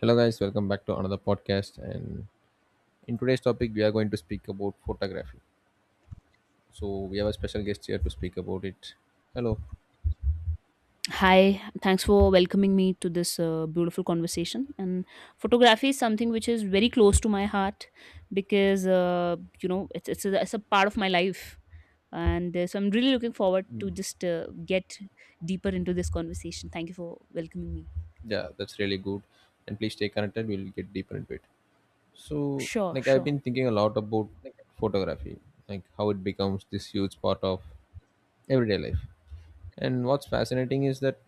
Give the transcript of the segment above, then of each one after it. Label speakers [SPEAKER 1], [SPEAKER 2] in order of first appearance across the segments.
[SPEAKER 1] Hello, guys, welcome back to another podcast. And in today's topic, we are going to speak about photography. So, we have a special guest here to speak about it. Hello,
[SPEAKER 2] Hi, thanks for welcoming me to this beautiful conversation. And photography is something which is very close to my heart because you know it's a part of my life, and so I'm really looking forward to just get deeper into this conversation. Thank you for welcoming me.
[SPEAKER 1] yeah, that's really good. And please stay connected, we'll get deeper into it. So,
[SPEAKER 2] Sure,
[SPEAKER 1] I've
[SPEAKER 2] sure,
[SPEAKER 1] been thinking a lot about photography, like how it becomes this huge part of everyday life. And what's fascinating is that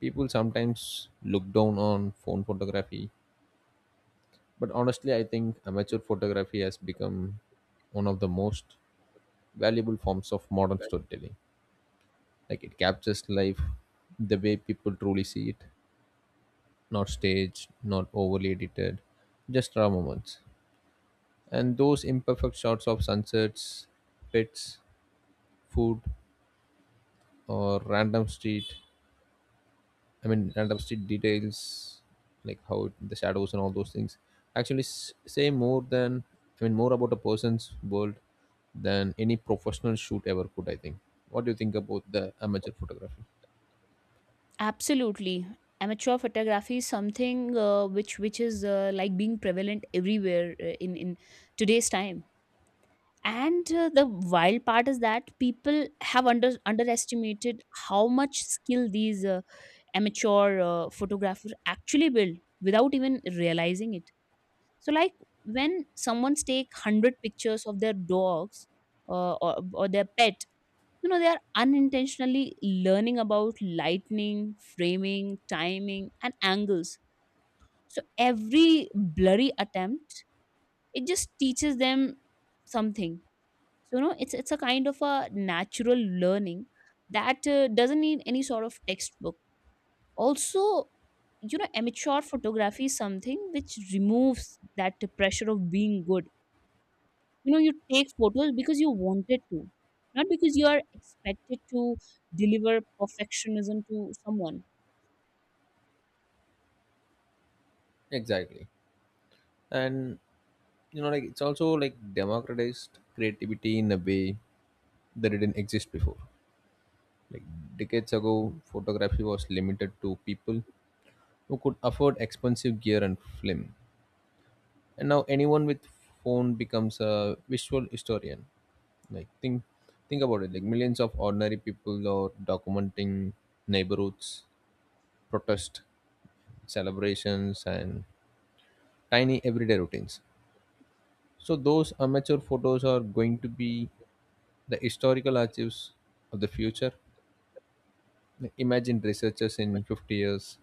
[SPEAKER 1] people sometimes look down on phone photography, but honestly, I think amateur photography has become one of the most valuable forms of modern storytelling. Like it captures life the way people truly see it, not staged, not overly edited, just raw moments. And those imperfect shots of sunsets, pets, food, or random street, random street details, like the shadows and all those things, actually say more than, I mean, more about a person's world than any professional shoot ever could, I think. What do you think about the amateur photography?
[SPEAKER 2] absolutely. Amateur photography is something which is like being prevalent everywhere, in today's time. And the wild part is that people have underestimated how much skill these amateur photographers actually build without even realizing it. So, like when someone's take 100 pictures of their dogs, or their pet, you know they are unintentionally learning about lightning, framing, timing, and angles. So every blurry attempt, it just teaches them something. So it's a kind of a natural learning that doesn't need any sort of textbook also. You know, amateur photography is something which removes that pressure of being good. You know, you take photos because you wanted to, not because you are expected to deliver perfectionism to someone.
[SPEAKER 1] Exactly. And you know, like it's also like democratized creativity in a way that didn't exist before. Like decades ago photography was limited to people who could afford expensive gear and film, and now anyone with phone becomes a visual historian. Like think about it, like millions of ordinary people are documenting neighborhoods, protest, celebrations, and tiny everyday routines. So those amateur photos are going to be the historical archives of the future. Imagine researchers in 50 years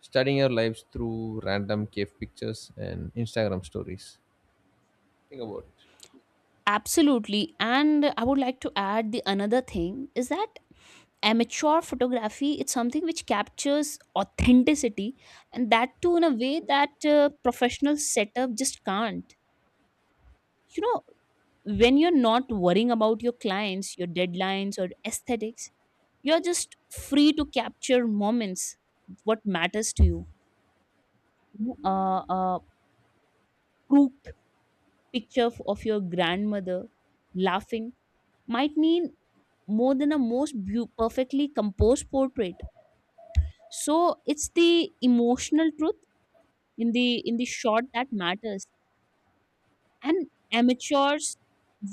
[SPEAKER 1] studying our lives through random cave pictures and Instagram stories. Think about it.
[SPEAKER 2] Absolutely, and I would like to add the another thing is that amateur photography, it's something which captures authenticity, and that too in a way that professional setup just can't. You know, when you're not worrying about your clients, your deadlines or aesthetics, you're just free to capture moments, what matters to you. A crooked picture of your grandmother laughing might mean more than a perfectly composed portrait. So it's the emotional truth in the shot that matters, and amateurs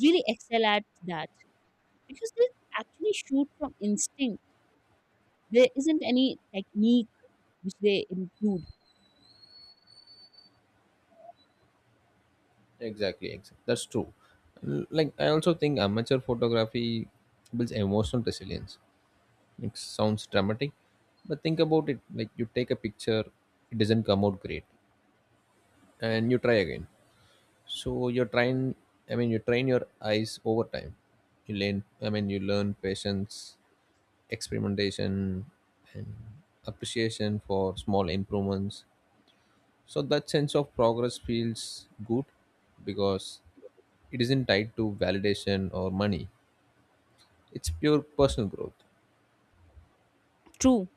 [SPEAKER 2] really excel at that because they actually shoot from instinct. There isn't any technique which they include.
[SPEAKER 1] Exactly, exactly. That's true. Like I also think amateur photography builds emotional resilience. It sounds dramatic, but think about it. Like you take a picture, it doesn't come out great, and you try again. So you're trying. I mean, you train your eyes over time. You learn. I mean, you learn patience, experimentation, and appreciation for small improvements. So that sense of progress feels good because it isn't tied to validation or money. It's pure personal growth.
[SPEAKER 2] True.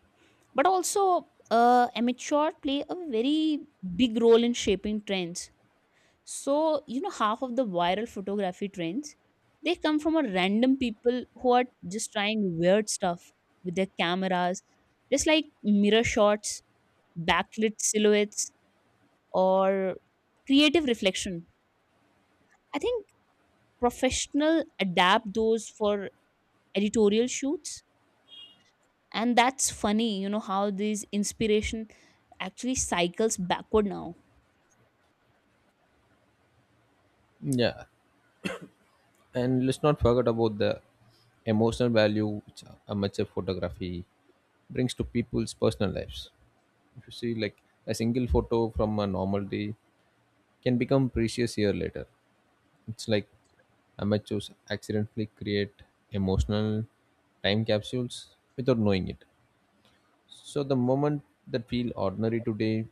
[SPEAKER 2] But also, amateur play a very big role in shaping trends. So, you know, half of the viral photography trends, they come from a random people who are just trying weird stuff with their cameras, just like mirror shots, backlit silhouettes, or creative reflection. I think professional adapt those for editorial shoots, and that's funny, you know, how this inspiration actually cycles backward now.
[SPEAKER 1] Yeah. And let's not forget about the emotional value which amateur photography brings to people's personal lives. If you see, like, a single photo from a normal day can become precious year later. It's like amateurs accidentally create emotional time capsules without knowing it. So the moment that feel ordinary today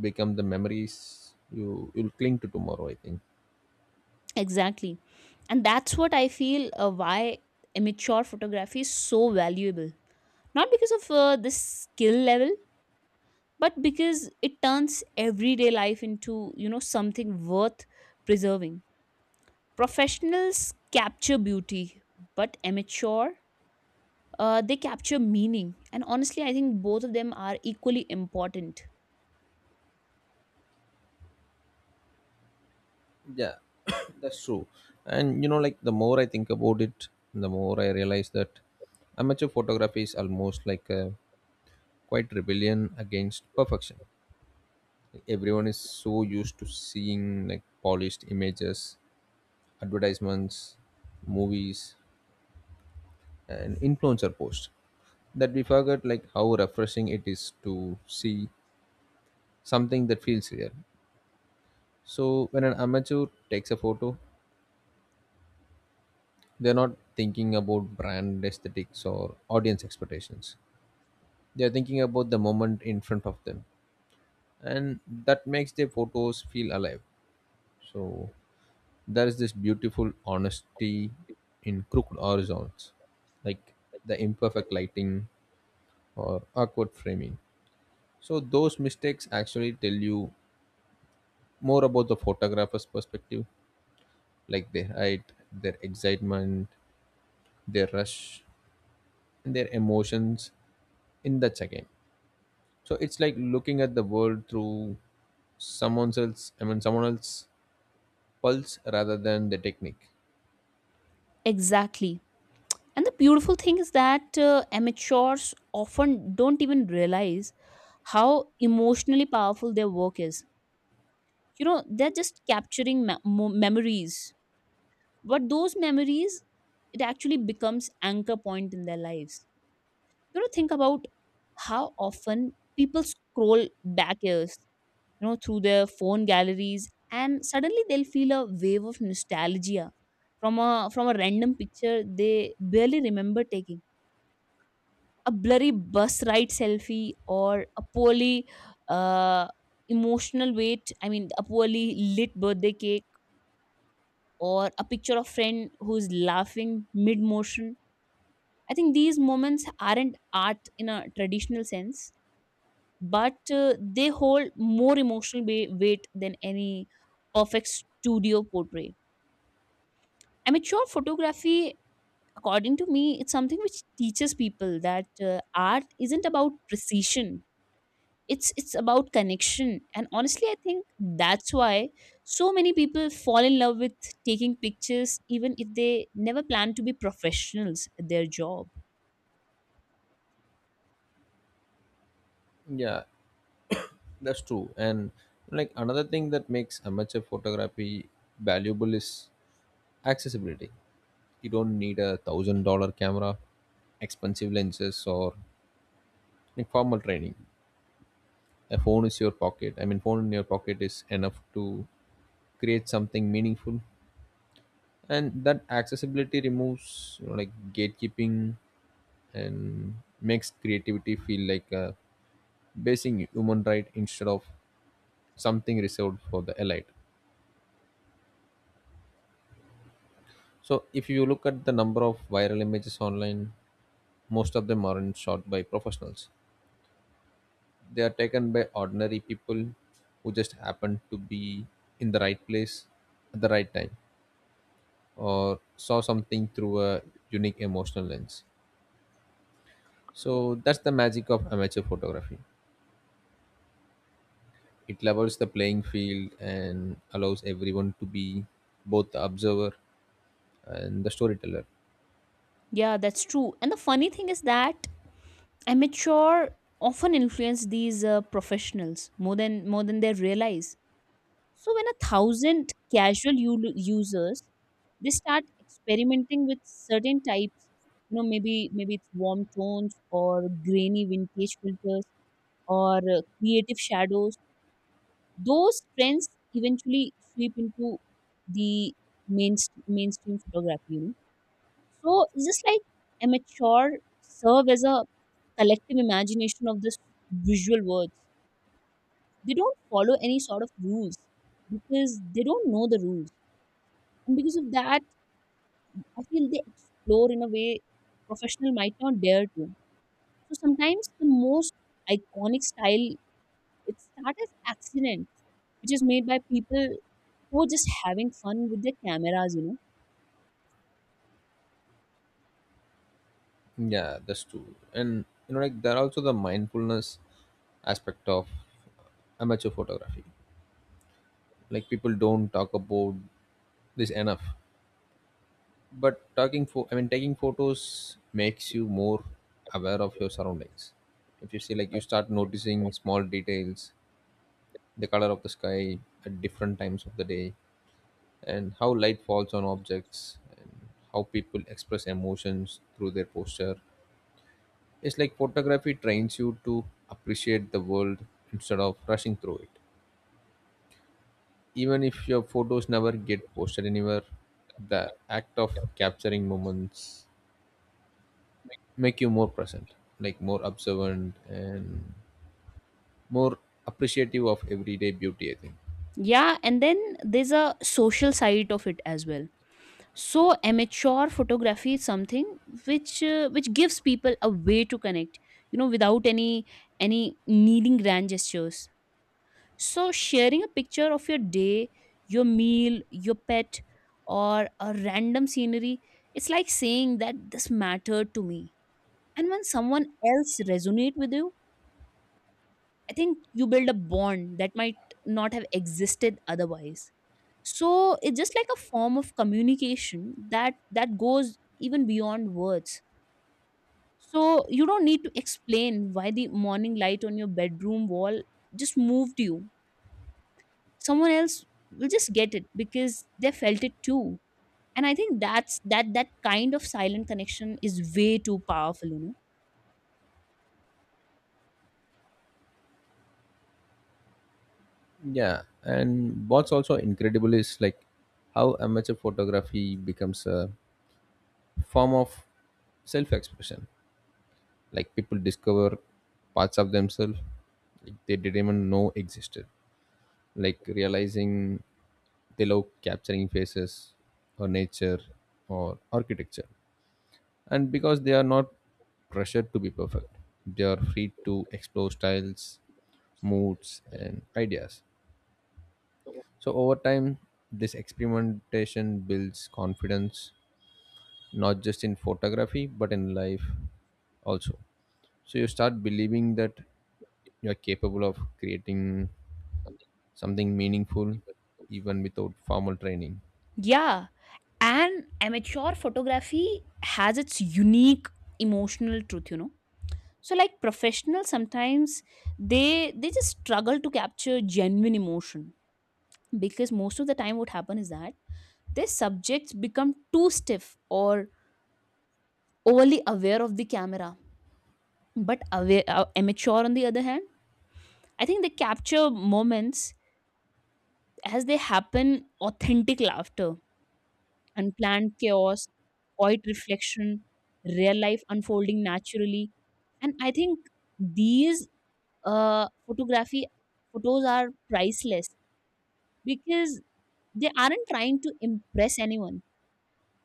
[SPEAKER 1] become the memories you'll cling to tomorrow, I think.
[SPEAKER 2] Exactly. And that's what I feel why amateur photography is so valuable. Not because of this skill level, but because it turns everyday life into, you know, something worth preserving. Professionals capture beauty, but amateur, they capture meaning. And honestly, I think both of them are equally important.
[SPEAKER 1] Yeah, that's true. And you know, like the more I think about it, the more I realize that amateur photography is almost like a quite rebellion against perfection. Like, everyone is so used to seeing like polished images, advertisements, movies, and influencer posts that we forget like how refreshing it is to see something that feels real. So when an amateur takes a photo, they're not thinking about brand aesthetics or audience expectations. They're thinking about the moment in front of them. And that makes their photos feel alive. So there is this beautiful honesty in crooked horizons, like the imperfect lighting or awkward framing. So those mistakes actually tell you more about the photographer's perspective, like their height, their excitement, their rush, and their emotions in that second. So it's like looking at the world through someone else's pulse rather than the technique.
[SPEAKER 2] Exactly. And the beautiful thing is that amateurs often don't even realize how emotionally powerful their work is. You know, they're just capturing memories, but those memories, it actually becomes anchor point in their lives. You know, think about how often people scroll back years, you know, through their phone galleries, and suddenly they'll feel a wave of nostalgia from a random picture they barely remember taking. A blurry bus ride selfie or a poorly uh, emotional wait. I mean a poorly lit birthday cake or a picture of friend who's laughing mid motion. I think these moments aren't art in a traditional sense, but they hold more emotional weight than any perfect studio portrait. Amateur photography, according to me, it's something which teaches people that art isn't about precision. It's about connection, and honestly, I think that's why so many people fall in love with taking pictures, even if they never plan to be professionals at their job.
[SPEAKER 1] Yeah, that's true. And like another thing that makes amateur photography valuable is accessibility. You don't need $1,000 camera, expensive lenses, or, like, formal training. A phone is your pocket. I mean, Phone in your pocket is enough to create something meaningful, and that accessibility removes, you know, like, gatekeeping and makes creativity feel like a basic human right instead of something reserved for the elite. So, if you look at the number of viral images online, most of them aren't shot by professionals. They are taken by ordinary people who just happened to be in the right place at the right time or saw something through a unique emotional lens. So that's the magic of amateur photography. It levels the playing field and allows everyone to be both the observer and the storyteller.
[SPEAKER 2] Yeah, that's true. And the funny thing is that amateur often influence these professionals more than they realize. So when a thousand casual users, they start experimenting with certain types. You know, maybe it's warm tones or grainy vintage filters or creative shadows. Those trends eventually sweep into the main mainstream photography, you know. So it's just like amateur serve as a collective imagination of this visual words. They don't follow any sort of rules because they don't know the rules. And because of that, I feel they explore in a way professional might not dare to. So sometimes the most iconic style, it starts as accident, which is made by people who are just having fun with their cameras, you know.
[SPEAKER 1] Yeah, that's true. And you know, like there are also the mindfulness aspect of amateur photography. Like people don't talk about this enough. But talking for I mean taking photos makes you more aware of your surroundings. If you see, like, you start noticing small details, the color of the sky at different times of the day, and how light falls on objects, and how people express emotions through their posture. It's like photography trains you to appreciate the world instead of rushing through it. Even if your photos never get posted anywhere, the act of capturing moments make you more present, like more observant and more appreciative of everyday beauty, I think.
[SPEAKER 2] Yeah, and then there's a social side of it as well. So amateur photography is something which gives people a way to connect, you know, without any needing grand gestures. So sharing a picture of your day, your meal, your pet, or a random scenery, it's like saying that this mattered to me. And when someone else resonate with you, I think you build a bond that might not have existed otherwise. So it's just like a form of communication that goes even beyond words. So you don't need to explain why the morning light on your bedroom wall just moved you. Someone else will just get it because they felt it too. And I think that's that, that kind of silent connection is way too powerful, you know.
[SPEAKER 1] Yeah, and what's also incredible is like how amateur photography becomes a form of self-expression. Like people discover parts of themselves like they didn't even know existed, like realizing they love capturing faces or nature or architecture. And because they are not pressured to be perfect, they are free to explore styles, moods, and ideas. So over time this experimentation builds confidence, not just in photography but in life also. So you start believing that you are capable of creating something meaningful even without formal training.
[SPEAKER 2] Yeah, and amateur photography has its unique emotional truth, you know. So like professionals sometimes, they just struggle to capture genuine emotion because most of the time what happen is that their subjects become too stiff or overly aware of the camera. But aware, immature on the other hand, I think they capture moments as they happen. Authentic laughter, unplanned chaos, quiet reflection, real life unfolding naturally. And I think these photography photos are priceless because they aren't trying to impress anyone.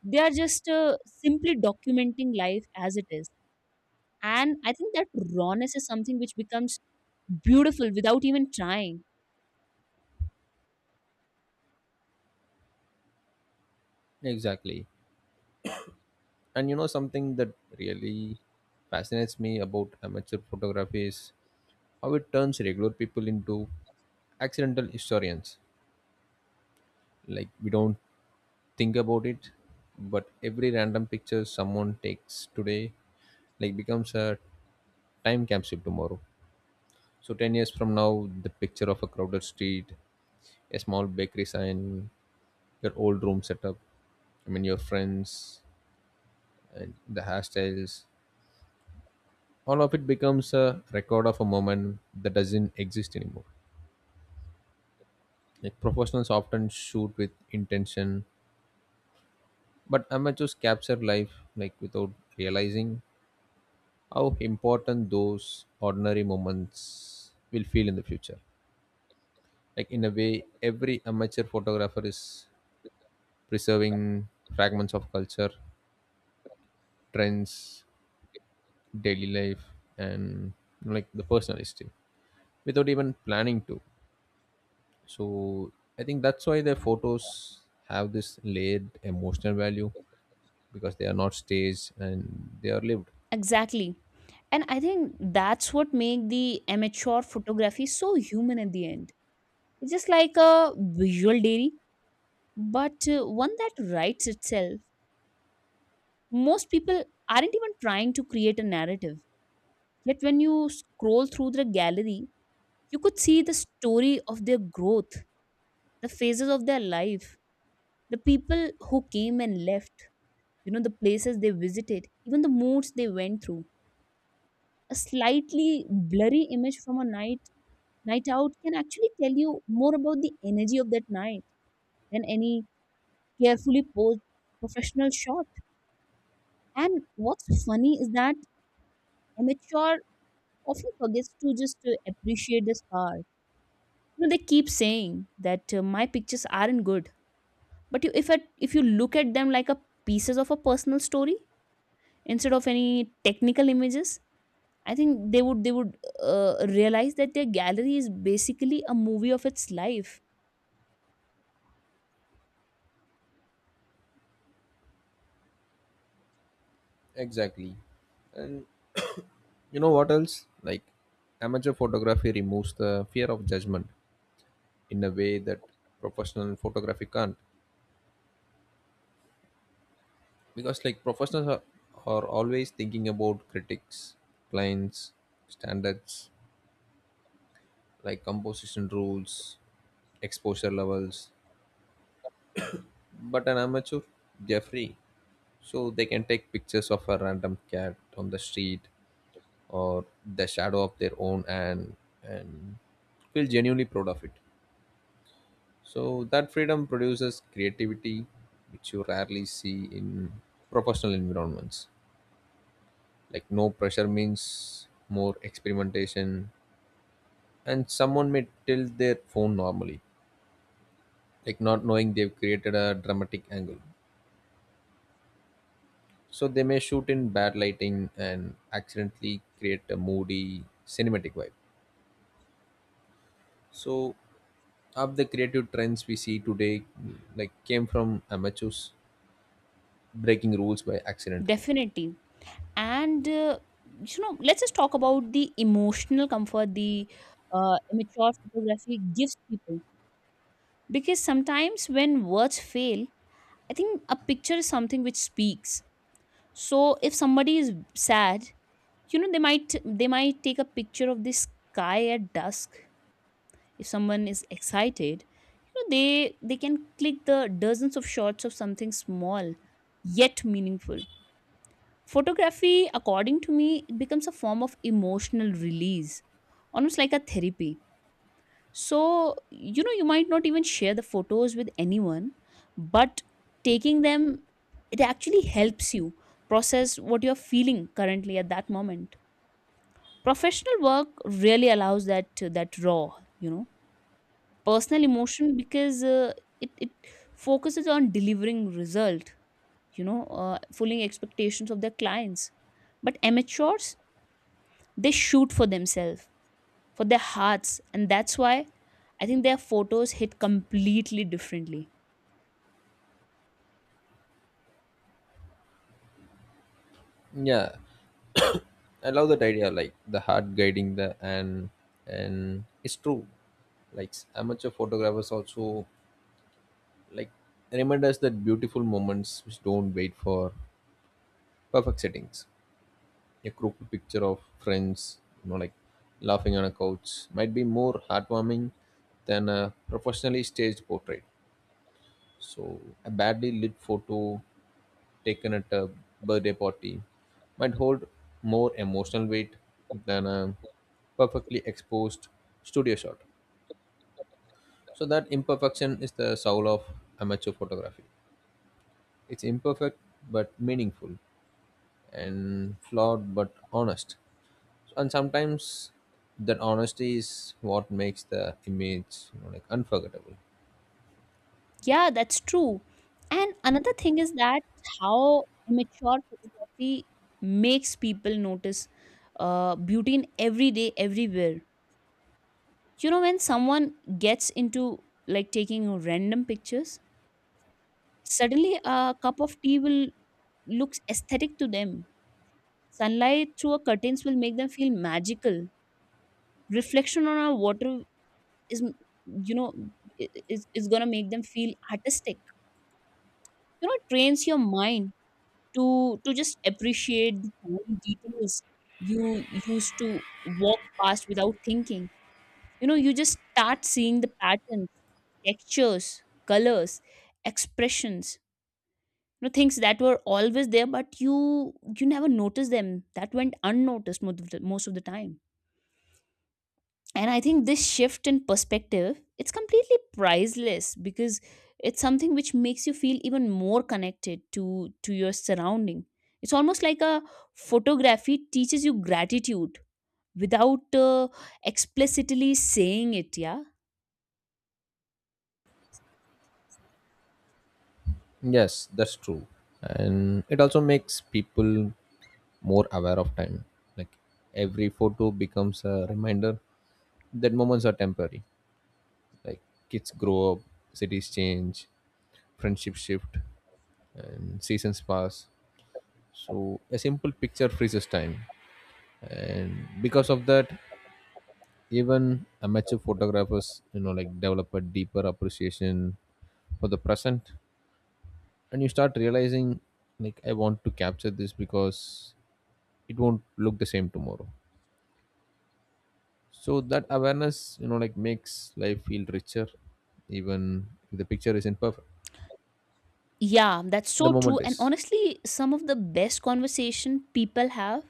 [SPEAKER 2] They are just simply documenting life as it is. And I think that rawness is something which becomes beautiful without even trying.
[SPEAKER 1] Exactly, and you know something that really fascinates me about amateur photography is how it turns regular people into accidental historians. Like we don't think about it, but every random picture someone takes today like becomes a time capsule tomorrow. So 10 years from now, the picture of a crowded street, a small bakery sign, your old room setup, your friends and the hairstyles, all of it becomes a record of a moment that doesn't exist anymore. Like professionals often shoot with intention, but amateurs capture life like without realizing how important those ordinary moments will feel in the future. Like in a way, every amateur photographer is preserving fragments of culture, trends, daily life, and like the personal history without even planning to. So I think that's why their photos have this layered emotional value because they are not staged and they are lived.
[SPEAKER 2] Exactly. And I think that's what make the amateur photography so human at the end. It's just like a visual diary, but one that writes itself. Most people aren't even trying to create a narrative. Yet when you scroll through the gallery, you could see the story of their growth, the phases of their life, the people who came and left, you know, the places they visited, even the moods they went through. A slightly blurry image from a night out can actually tell you more about the energy of that night than any carefully posed professional shot. And what's funny is that amateur often forgets to just appreciate this part. You know, they keep saying that my pictures aren't good, but you, if at, if you look at them like a pieces of a personal story instead of any technical images, I think they would realize that their gallery is basically a movie of its life.
[SPEAKER 1] Exactly. And you know what else? Like amateur photography removes the fear of judgment in a way that professional photography can't. Because like are always thinking about critics, clients, standards, like composition rules, exposure levels. But an amateur, they're free. So they can take pictures of a random cat on the street or the shadow of their own and feel genuinely proud of it. So that freedom produces creativity, which you rarely see in professional environments. Like no pressure means more experimentation, and someone may tilt their phone normally, like not knowing they've created a dramatic angle. So they may shoot in bad lighting and accidentally create a moody cinematic vibe. So of the creative trends we see today, like came from amateurs breaking rules by accident.
[SPEAKER 2] Definitely. And you know, let's just talk about the emotional comfort the immature photography gives people, because sometimes when words fail, I think a picture is something which speaks. So if somebody is sad, you know, they might take a picture of the sky at dusk. If someone is excited, you know, they can click the dozens of shots of something small yet meaningful. Photography, according to me, it becomes a form of emotional release, almost like a therapy. So, you know, you might not even share the photos with anyone, but taking them, it actually helps you process what you're feeling currently at that moment. Professional work really allows that raw, you know, personal emotion because it focuses on delivering result, you know, fulfilling expectations of their clients. But amateurs, they shoot for themselves, for their hearts, and that's why I think their photos hit completely differently.
[SPEAKER 1] Yeah, I love that idea, like the heart guiding the, and it's true. Like amateur photographers also like remind us that beautiful moments which don't wait for perfect settings. A crooked picture of friends, you know, like laughing on a couch, might be more heartwarming than a professionally staged portrait. So a badly lit photo taken at a birthday party might hold more emotional weight than a perfectly exposed studio shot. So that imperfection is the soul of amateur photography. It's imperfect but meaningful, and flawed but honest. And sometimes that honesty is what makes the image, you know, like, unforgettable.
[SPEAKER 2] Yeah, that's true. And another thing is that how immature photography makes people notice beauty in every day everywhere. You know, when someone gets into like taking random pictures, suddenly a cup of tea will looks aesthetic to them. Sunlight through a curtains will make them feel magical. Reflection on a water is, you know, is gonna make them feel artistic. You know, it trains your mind to just appreciate the tiny details you used to walk past without thinking. You know, you just start seeing the patterns, textures, colors, expressions, you know, things that were always there but you never noticed them, that went unnoticed most of the time. And I think this shift in perspective, it's completely priceless because it's something which makes you feel even more connected to your surrounding. It's almost like a photography teaches you gratitude without explicitly saying it, yeah.
[SPEAKER 1] Yes, that's true. And it also makes people more aware of time. Like every photo becomes a reminder that moments are temporary. Like kids grow up, cities change, friendships shift, and seasons pass. So a simple picture freezes time, and because of that, even amateur photographers, you know, like, develop a deeper appreciation for the present, and you start realizing, like, I want to capture this because it won't look the same tomorrow. So that awareness, you know, like, makes life feel richer, even if the picture isn't perfect.
[SPEAKER 2] Yeah, that's
[SPEAKER 1] The
[SPEAKER 2] so true.
[SPEAKER 1] moment
[SPEAKER 2] And
[SPEAKER 1] is.
[SPEAKER 2] honestly, some of the best conversation people have,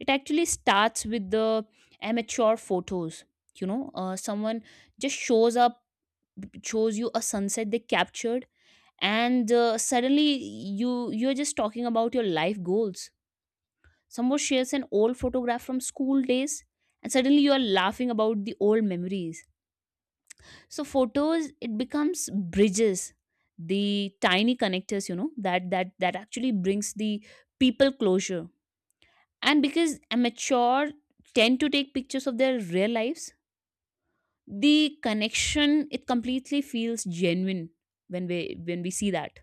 [SPEAKER 2] it actually starts with the amateur photos, you know. Someone just shows you a sunset they captured, and suddenly you're just talking about your life goals. Someone shares an old photograph from school days, and suddenly you are laughing about the old memories. So photos, it becomes bridges, the tiny connectors, you know, that actually brings the people closure. And because amateur tend to take pictures of their real lives, the connection, it completely feels genuine when we see that.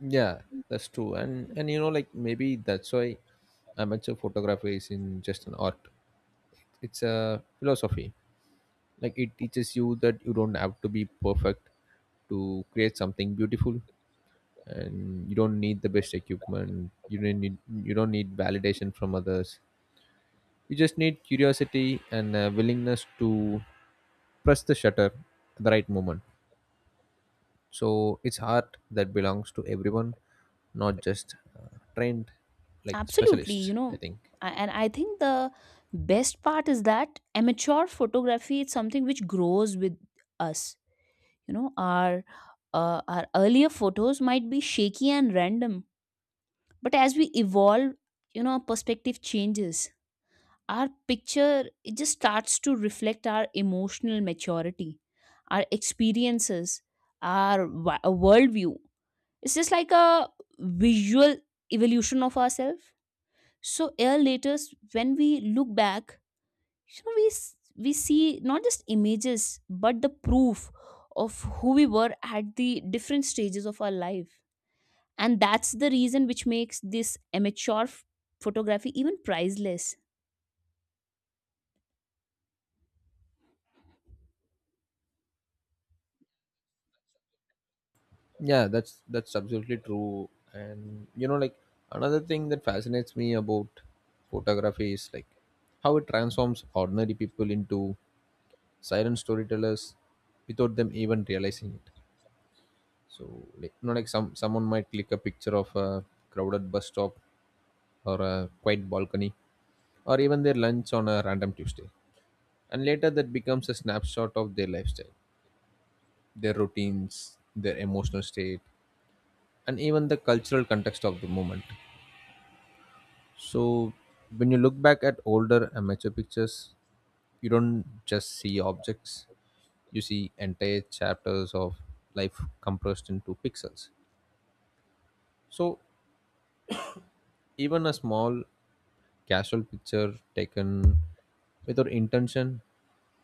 [SPEAKER 1] Yeah, that's true. And you know, like maybe that's why amateur photography isn't just an art. It's a philosophy. Like it teaches you that you don't have to be perfect to create something beautiful, and you don't need the best equipment, you don't need validation from others. You just need curiosity and a willingness to press the shutter at the right moment. So it's art that belongs to everyone, not just trained, like,
[SPEAKER 2] Absolutely,
[SPEAKER 1] specialists,
[SPEAKER 2] you
[SPEAKER 1] I
[SPEAKER 2] know,
[SPEAKER 1] think.
[SPEAKER 2] and I think the best part is that amateur photography is something which grows with us. You know, our earlier photos might be shaky and random, but as we evolve, you know, our perspective changes. Our picture, it just starts to reflect our emotional maturity, our experiences, our worldview. It's just like a visual evolution of ourselves. So year later, when we look back, you know, we see not just images but the proof of who we were at the different stages of our life. And that's the reason which makes this amateur photography even priceless.
[SPEAKER 1] Yeah, that's absolutely true. And you know, like another thing that fascinates me about photography is like how it transforms ordinary people into silent storytellers without them even realizing it. So, like, you know, like someone might click a picture of a crowded bus stop or a quiet balcony or even their lunch on a random Tuesday. And later that becomes a snapshot of their lifestyle, their routines, their emotional state, and even the cultural context of the moment. So when you look back at older amateur pictures, you don't just see objects, you see entire chapters of life compressed into pixels. So even a small casual picture taken without intention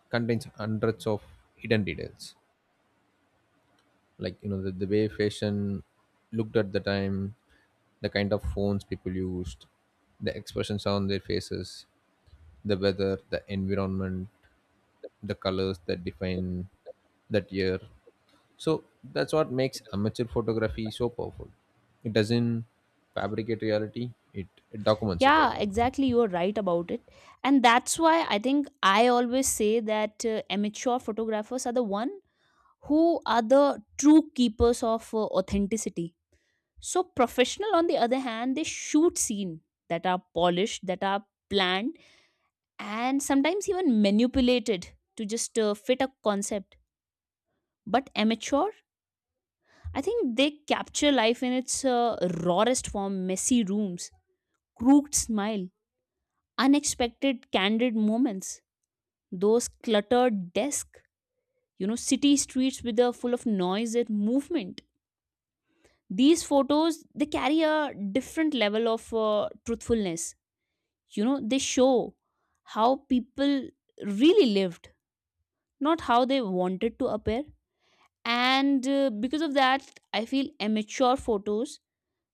[SPEAKER 1] contains 100s of hidden details, like, you know, the way fashion looked at the time, the kind of phones people used, the expressions on their faces, the weather, the environment, the colors that define that year. So that's what makes amateur photography so powerful. It doesn't fabricate reality, it documents it, I
[SPEAKER 2] Yeah,
[SPEAKER 1] think.
[SPEAKER 2] exactly, you're right about it. And that's why I think I always say that amateur photographers are the one who are the true keepers of authenticity. So professional, on the other hand, they shoot scene that are polished, that are planned, and sometimes even manipulated to just fit a concept. But amateur, I think they capture life in its rawest form: messy rooms, crooked smile, unexpected candid moments, those cluttered desks, you know, city streets with a full of noise and movement. These photos, they carry a different level of truthfulness. You know, they show how people really lived, not how they wanted to appear. And because of that, I feel immature photos,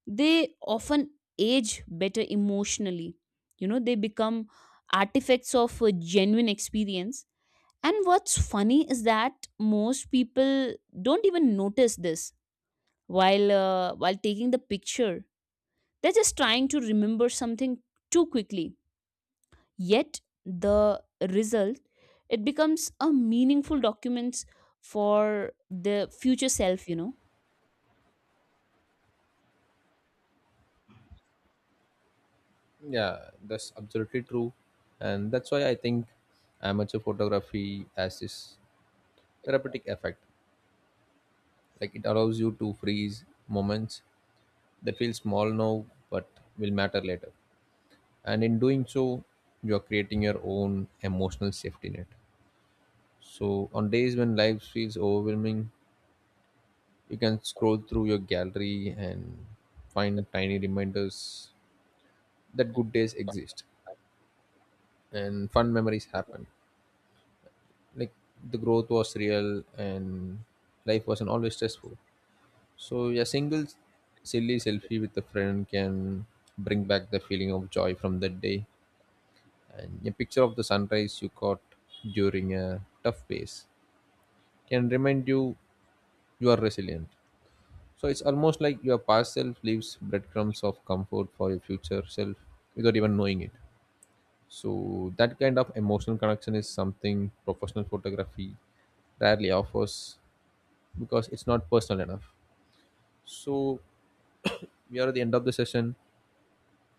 [SPEAKER 2] they often age better emotionally. You know, they become artifacts of a genuine experience. And what's funny is that most people don't even notice this while taking the picture. They're just trying to remember something too quickly, yet the result, it becomes a meaningful documents for the future self, you know.
[SPEAKER 1] Yeah, that's absolutely true. And that's why I think amateur photography has this therapeutic effect. Like it allows you to freeze moments that feel small now but will matter later, and in doing so you are creating your own emotional safety net. So on days when life feels overwhelming, you can scroll through your gallery and find tiny reminders that good days exist and fun memories happen, like the growth was real and life wasn't always stressful. So a single silly selfie with a friend can bring back the feeling of joy from that day. And a picture of the sunrise you caught during a tough phase can remind you you are resilient. So it's almost like your past self leaves breadcrumbs of comfort for your future self without even knowing it. So that kind of emotional connection is something professional photography rarely offers because it's not personal enough. So we are at the end of the session.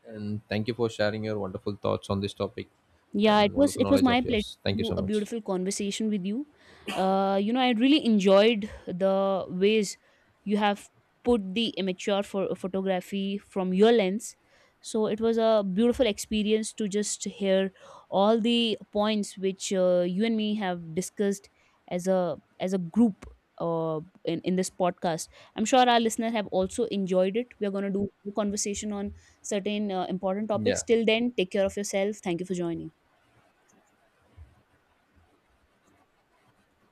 [SPEAKER 1] And thank you for sharing your wonderful thoughts on this topic
[SPEAKER 2] Yeah, it
[SPEAKER 1] and
[SPEAKER 2] was
[SPEAKER 1] wonderful
[SPEAKER 2] it was
[SPEAKER 1] knowledge
[SPEAKER 2] my
[SPEAKER 1] of
[SPEAKER 2] pleasure
[SPEAKER 1] yours.
[SPEAKER 2] to
[SPEAKER 1] Thank you
[SPEAKER 2] do
[SPEAKER 1] so
[SPEAKER 2] a
[SPEAKER 1] much.
[SPEAKER 2] beautiful conversation with you. You know, I really enjoyed the ways you have put the amateur for photography from your lens. So it was a beautiful experience to just hear all the points which you and me have discussed as a group, in this podcast. I'm sure our listeners have also enjoyed it. We are going to do a conversation on certain important topics.
[SPEAKER 1] Yeah.
[SPEAKER 2] Till then, take care of yourself. Thank you for joining.